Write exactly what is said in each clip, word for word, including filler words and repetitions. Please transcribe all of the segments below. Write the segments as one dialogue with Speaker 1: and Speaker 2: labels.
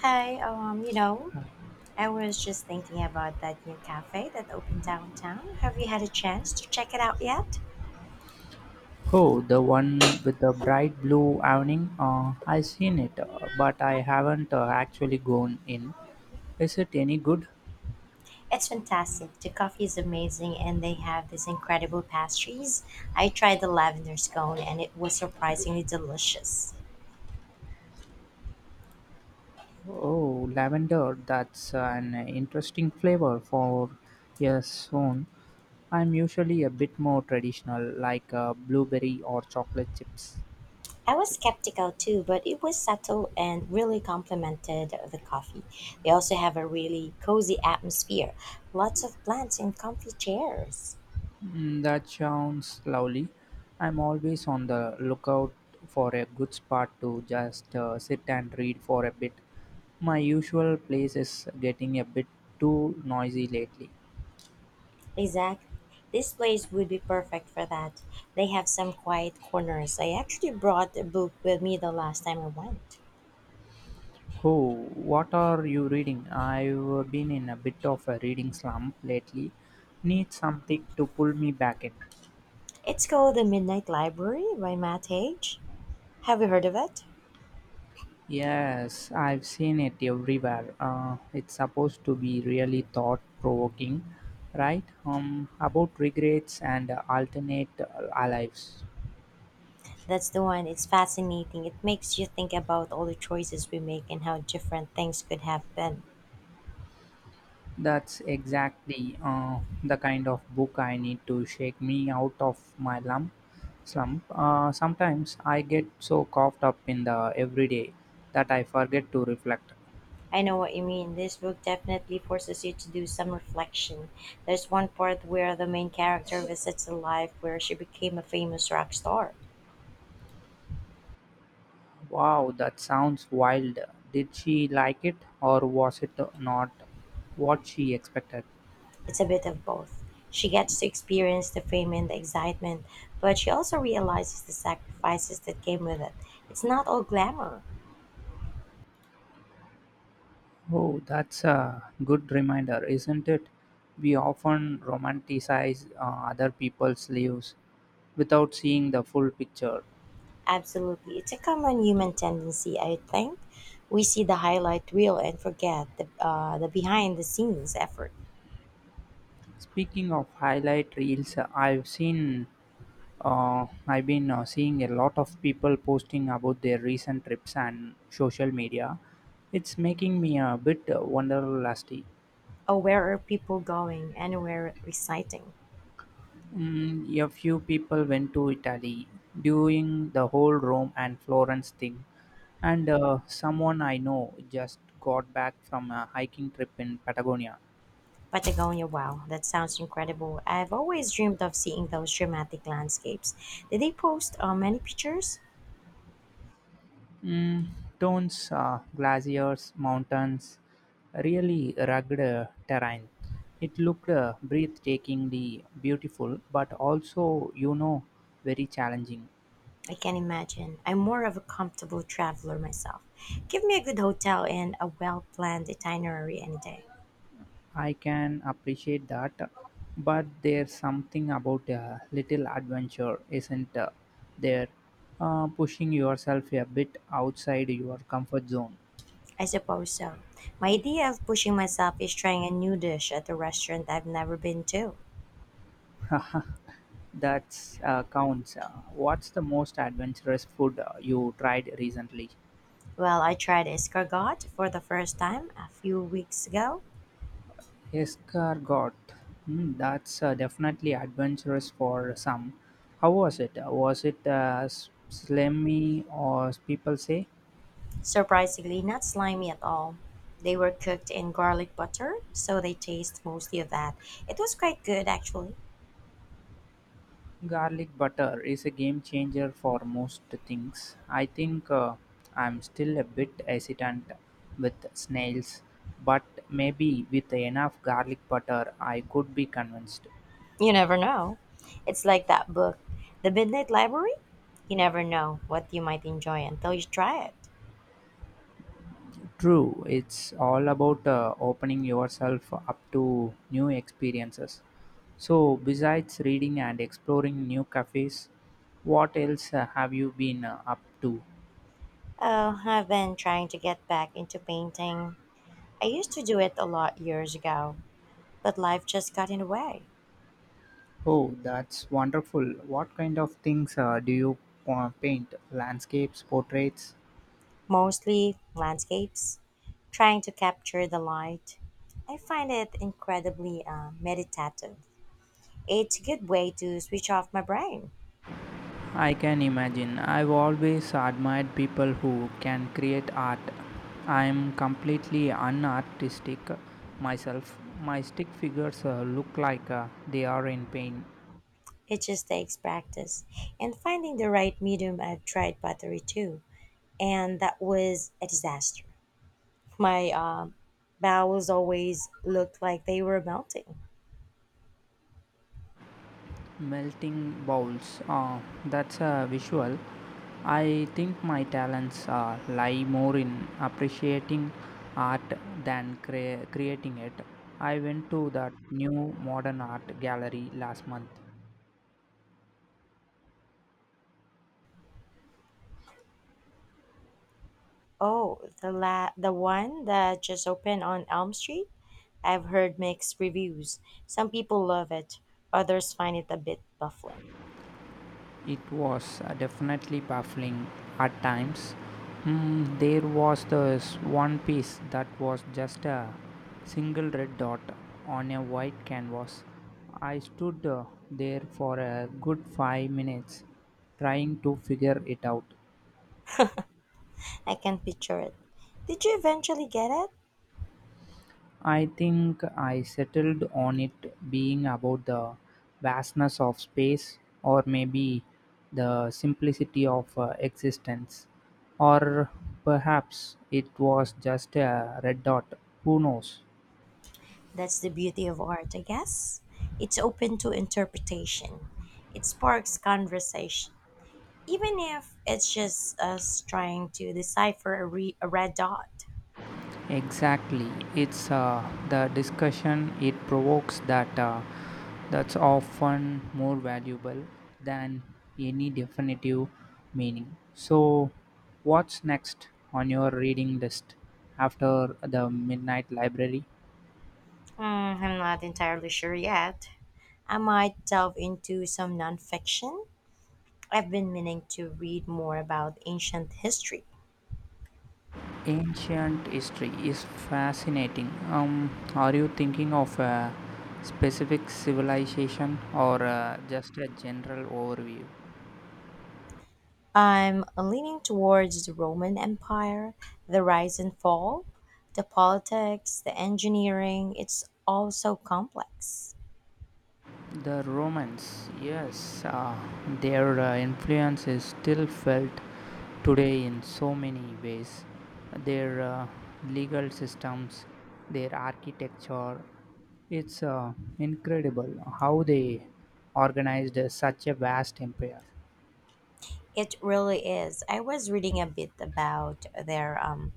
Speaker 1: Hi, um, you know, I was just thinking about that new cafe that opened downtown. Have you had a chance to check it out yet?
Speaker 2: Oh, the one with the bright blue awning? Uh, I've seen it, uh, but I haven't uh, actually gone in. Is it any good?
Speaker 1: It's fantastic. The coffee is amazing and they have these incredible pastries. I tried the lavender scone and it was surprisingly delicious.
Speaker 2: Oh, lavender, that's an interesting flavor for a soon. I'm usually a bit more traditional, like uh, blueberry or chocolate chips.
Speaker 1: I was
Speaker 2: Chip.
Speaker 1: skeptical too, but it was subtle and really complemented the coffee. They also have a really cozy atmosphere, lots of plants and comfy chairs.
Speaker 2: Mm, that sounds lovely. I'm always on the lookout for a good spot to just uh, sit and read for a bit. My usual place is getting a bit too noisy lately.
Speaker 1: Exactly, this place would be perfect for that. They have some quiet corners. I actually brought a book with me the last time I went.
Speaker 2: Oh, what are you reading? I've been in a bit of a reading slump lately. Need something to pull me back in.
Speaker 1: It's called The Midnight Library by Matt Hage. Have you heard of it?
Speaker 2: Yes, I've seen it everywhere. Uh, it's supposed to be really thought provoking, right? Um, about regrets and uh, alternate uh, lives.
Speaker 1: That's the one. It's fascinating. It makes you think about all the choices we make and how different things could have been.
Speaker 2: That's exactly uh, the kind of book I need to shake me out of my lump slump. Uh, sometimes I get so caught up in the everyday that I forget to reflect.
Speaker 1: I know what you mean. This book definitely forces you to do some reflection. There's one part where the main character visits a life where she became a famous rock star.
Speaker 2: Wow, that sounds wild. Did she like it, or was it not what she expected?
Speaker 1: It's a bit of both. She gets to experience the fame and the excitement, but she also realizes the sacrifices that came with it. It's not all glamour.
Speaker 2: Oh, that's a good reminder, isn't it? We often romanticize uh, other people's lives without seeing the full picture.
Speaker 1: Absolutely. It's a common human tendency, I think. We see the highlight reel and forget the, uh, the behind the scenes effort.
Speaker 2: Speaking of highlight reels, I've seen, uh, I've been uh, seeing a lot of people posting about their recent trips and social media. It's making me a bit uh, wonderlusty.
Speaker 1: Oh, where are people going? Anywhere exciting.
Speaker 2: Mm, a few people went to Italy during the whole Rome and Florence thing. And uh, someone I know just got back from a hiking trip in Patagonia.
Speaker 1: Patagonia, wow, that sounds incredible. I've always dreamed of seeing those dramatic landscapes. Did they post uh, many pictures?
Speaker 2: Mm, tones, uh, glaciers, mountains, really rugged uh, terrain. It looked uh, breathtakingly beautiful, but also, you know, very challenging.
Speaker 1: I can imagine. I'm more of a comfortable traveler myself. Give me a good hotel and a well planned itinerary any day.
Speaker 2: I can appreciate that, but there's something about a little adventure, isn't uh, there? Uh, pushing yourself a bit outside your comfort zone.
Speaker 1: I suppose so. My idea of pushing myself is trying a new dish at a restaurant I've never been to.
Speaker 2: That's uh, counts. Uh, what's the most adventurous food uh, you tried recently?
Speaker 1: Well, I tried escargot for the first time a few weeks ago.
Speaker 2: Escargot. Hmm, that's uh, definitely adventurous for some. How was it? Uh, Was it uh, s- slimy, or people say?
Speaker 1: Surprisingly, not slimy at all. They were cooked in garlic butter, so they taste mostly of that. It was quite good actually.
Speaker 2: Garlic butter is a game changer for most things. I think uh, I'm still a bit hesitant with snails, but maybe with enough garlic butter, I could be convinced.
Speaker 1: You never know. It's like that book, The Midnight Library. You never know what you might enjoy until you try it.
Speaker 2: True, it's all about uh, opening yourself up to new experiences. So, besides reading and exploring new cafes, what else uh, have you been uh, up to?
Speaker 1: Oh, I've been trying to get back into painting. I used to do it a lot years ago, but life just got in the way.
Speaker 2: Oh, that's wonderful. What kind of things uh, do you uh, paint? Landscapes, portraits?
Speaker 1: Mostly landscapes, trying to capture the light. I find it incredibly uh, meditative. It's a good way to switch off my brain.
Speaker 2: I can imagine. I've always admired people who can create art. I'm completely unartistic myself. My stick figures uh, look like uh, they are in pain.
Speaker 1: It just takes practice. And finding the right medium, I've tried pottery too, and that was a disaster. My um, bowels always looked like they were melting.
Speaker 2: Melting bowls. Ah, that's a visual. I think my talents uh, lie more in appreciating art than crea- creating it. I went to that new modern art gallery last month.
Speaker 1: Oh, the la- the one that just opened on Elm Street? I've heard mixed reviews. Some people love it, others find it a bit baffling.
Speaker 2: It was uh, definitely baffling at times. Mm, there was this one piece that was just a single red dot on a white canvas. I stood uh, there for a good five minutes trying to figure it out.
Speaker 1: I can picture it. Did you eventually get it?
Speaker 2: I think I settled on it being about the vastness of space, or maybe the simplicity of uh, existence, or perhaps it was just a red dot, who knows.
Speaker 1: That's the beauty of art, I guess. It's open to interpretation. It sparks conversation, even if it's just us trying to decipher a, re- a red dot.
Speaker 2: Exactly. It's uh, the discussion it provokes that uh, that's often more valuable than any definitive meaning. So, what's next on your reading list after the Midnight Library?
Speaker 1: Hmm, I'm not entirely sure yet. I might delve into some nonfiction. I've been meaning to read more about ancient history.
Speaker 2: Ancient history is fascinating. Um, are you thinking of a specific civilization or uh, just a general overview?
Speaker 1: I'm leaning towards the Roman Empire, the rise and fall, the politics, the engineering. It's all so complex.
Speaker 2: The Romans, yes, uh, their uh, influence is still felt today in so many ways. Their uh, legal systems, their architecture, it's uh, incredible how they organized uh, such a vast empire.
Speaker 1: It really is. I was reading a bit about their um,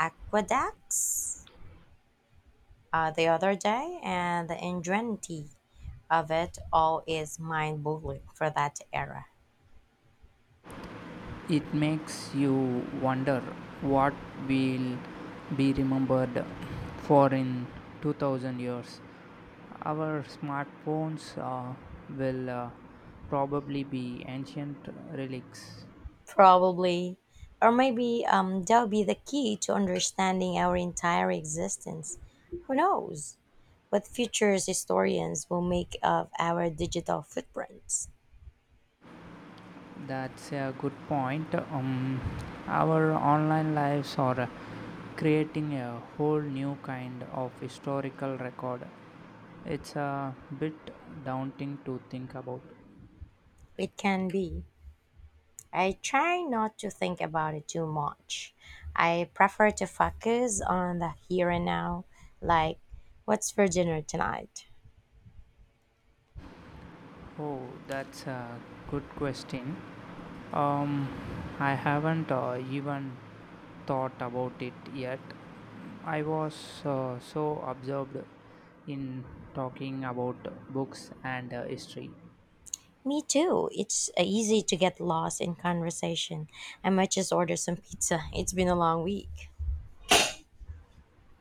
Speaker 1: aqueducts uh, the other day, and the ingenuity of it all is mind boggling for that era.
Speaker 2: It makes you wonder what will be remembered for in two thousand years. Our smartphones uh, will uh, probably be ancient relics.
Speaker 1: Probably, or maybe um, that'll be the key to understanding our entire existence. Who knows what future historians will make of our digital footprints?
Speaker 2: That's a good point. Um, our online lives are uh, creating a whole new kind of historical record. It's a bit daunting to think about.
Speaker 1: It can be. I try not to think about it too much. I prefer to focus on the here and now, like what's for dinner tonight.
Speaker 2: Oh, that's a good question. Um, I haven't uh, even thought about it yet. I was uh, so absorbed in talking about books and uh, history.
Speaker 1: Me too. It's uh, easy to get lost in conversation. I might just order some pizza. It's been a long week.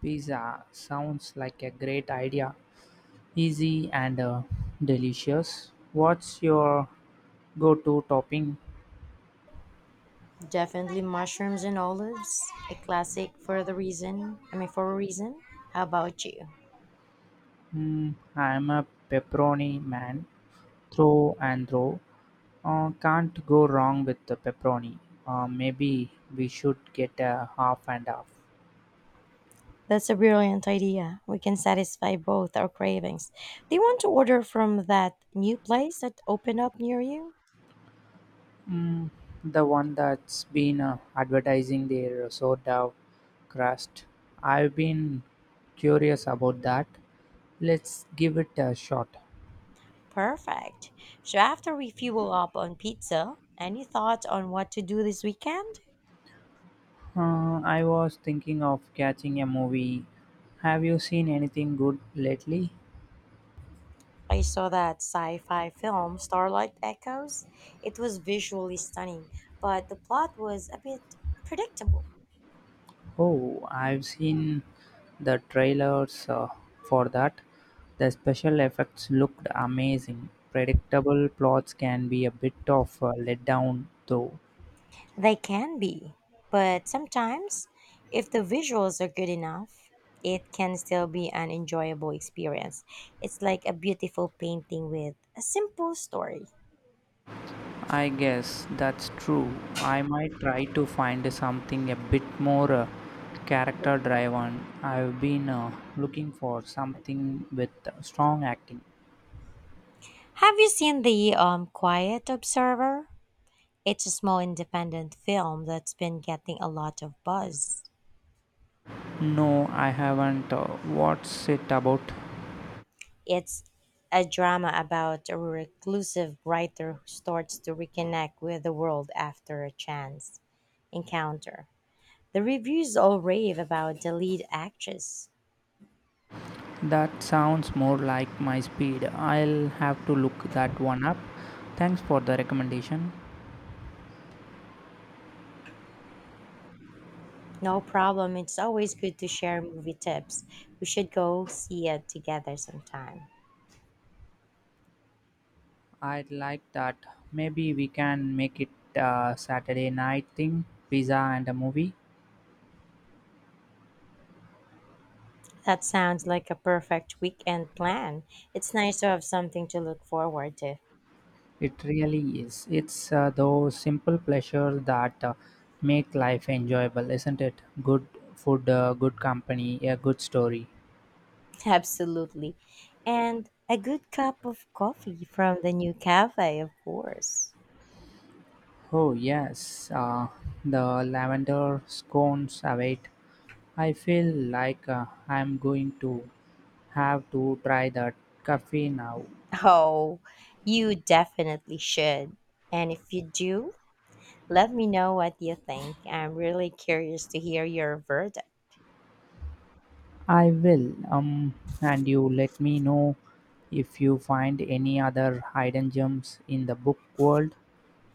Speaker 2: Pizza sounds like a great idea, easy and uh, delicious. What's your go to topping?
Speaker 1: Definitely mushrooms and olives, a classic for the reason. I mean, for a reason. How about you?
Speaker 2: Mm, I'm a pepperoni man, through and through. Uh, can't go wrong with the pepperoni. Uh, maybe we should get a half and half.
Speaker 1: That's a brilliant idea. We can satisfy both our cravings. Do you want to order from that new place that opened up near you?
Speaker 2: Mm, the one that's been uh, advertising their soda crust. I've been curious about that. Let's give it a shot.
Speaker 1: Perfect. So after we fuel up on pizza, any thoughts on what to do this weekend?
Speaker 2: Uh, I was thinking of catching a movie. Have you seen anything good lately?
Speaker 1: I saw that sci-fi film Starlight Echoes. It was visually stunning, but the plot was a bit predictable.
Speaker 2: Oh, I've seen the trailers uh, for that. The special effects looked amazing. Predictable plots can be a bit of a letdown, though.
Speaker 1: They can be, but sometimes if the visuals are good enough, it can still be an enjoyable experience. It's like a beautiful painting with a simple story.
Speaker 2: I guess that's true. I might try to find something a bit more uh, character driven. I've been uh, looking for something with strong acting.
Speaker 1: Have you seen the um, Quiet Observer? It's a small independent film that's been getting a lot of buzz.
Speaker 2: No, I haven't. Uh, what's it about?
Speaker 1: It's a drama about a reclusive writer who starts to reconnect with the world after a chance encounter. The reviews all rave about the lead actress.
Speaker 2: That sounds more like my speed. I'll have to look that one up. Thanks for the recommendation.
Speaker 1: No problem, it's always good to share movie tips. We should go see it together sometime.
Speaker 2: I'd like that. Maybe we can make it a Saturday night thing, pizza and a movie.
Speaker 1: That sounds like a perfect weekend plan. It's nice to have something to look forward to.
Speaker 2: It really is. It's uh, those simple pleasures that uh, make life enjoyable, isn't it? Good food, uh, good company, a good story.
Speaker 1: Absolutely. And a good cup of coffee from the new cafe, of course.
Speaker 2: Oh, yes, uh, the lavender scones await. I feel like uh, I'm going to have to try that coffee now.
Speaker 1: Oh, you definitely should. And if you do, let me know what you think. I'm really curious to hear your verdict.
Speaker 2: I will, um, and you let me know if you find any other hidden gems in the book world.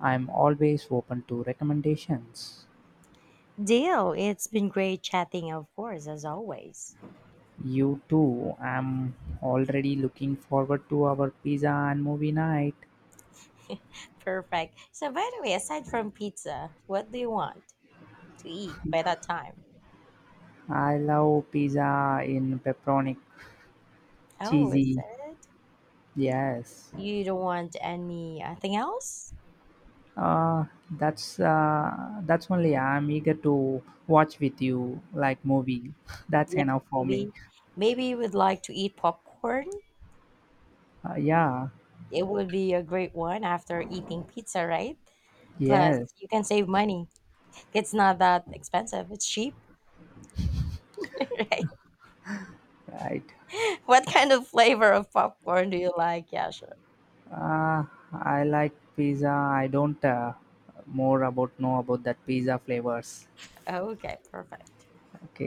Speaker 2: I'm always open to recommendations.
Speaker 1: Deal. It's been great chatting, of course, as always.
Speaker 2: You too. I'm already looking forward to our pizza and movie night.
Speaker 1: Perfect. So, by the way, aside from pizza, what do you want to eat by that time?
Speaker 2: I love pizza in pepperoni.
Speaker 1: Oh, is
Speaker 2: Cheesy,
Speaker 1: that it?
Speaker 2: yes.
Speaker 1: You don't want anything else?
Speaker 2: Uh, that's uh, that's only I'm eager to watch with you, like movie. That's
Speaker 1: Yeah,
Speaker 2: enough for me.
Speaker 1: maybe maybe you would like to eat popcorn.
Speaker 2: Uh, yeah,
Speaker 1: It would be a great one after eating pizza, right? Plus,
Speaker 2: yes,
Speaker 1: you can save money. It's not that expensive. It's cheap, right?
Speaker 2: right.
Speaker 1: What kind of flavor of popcorn do you like? Yeah, sure.
Speaker 2: Uh, I like pizza. I don't uh, more about know about that pizza flavors.
Speaker 1: Okay, perfect.
Speaker 2: Okay.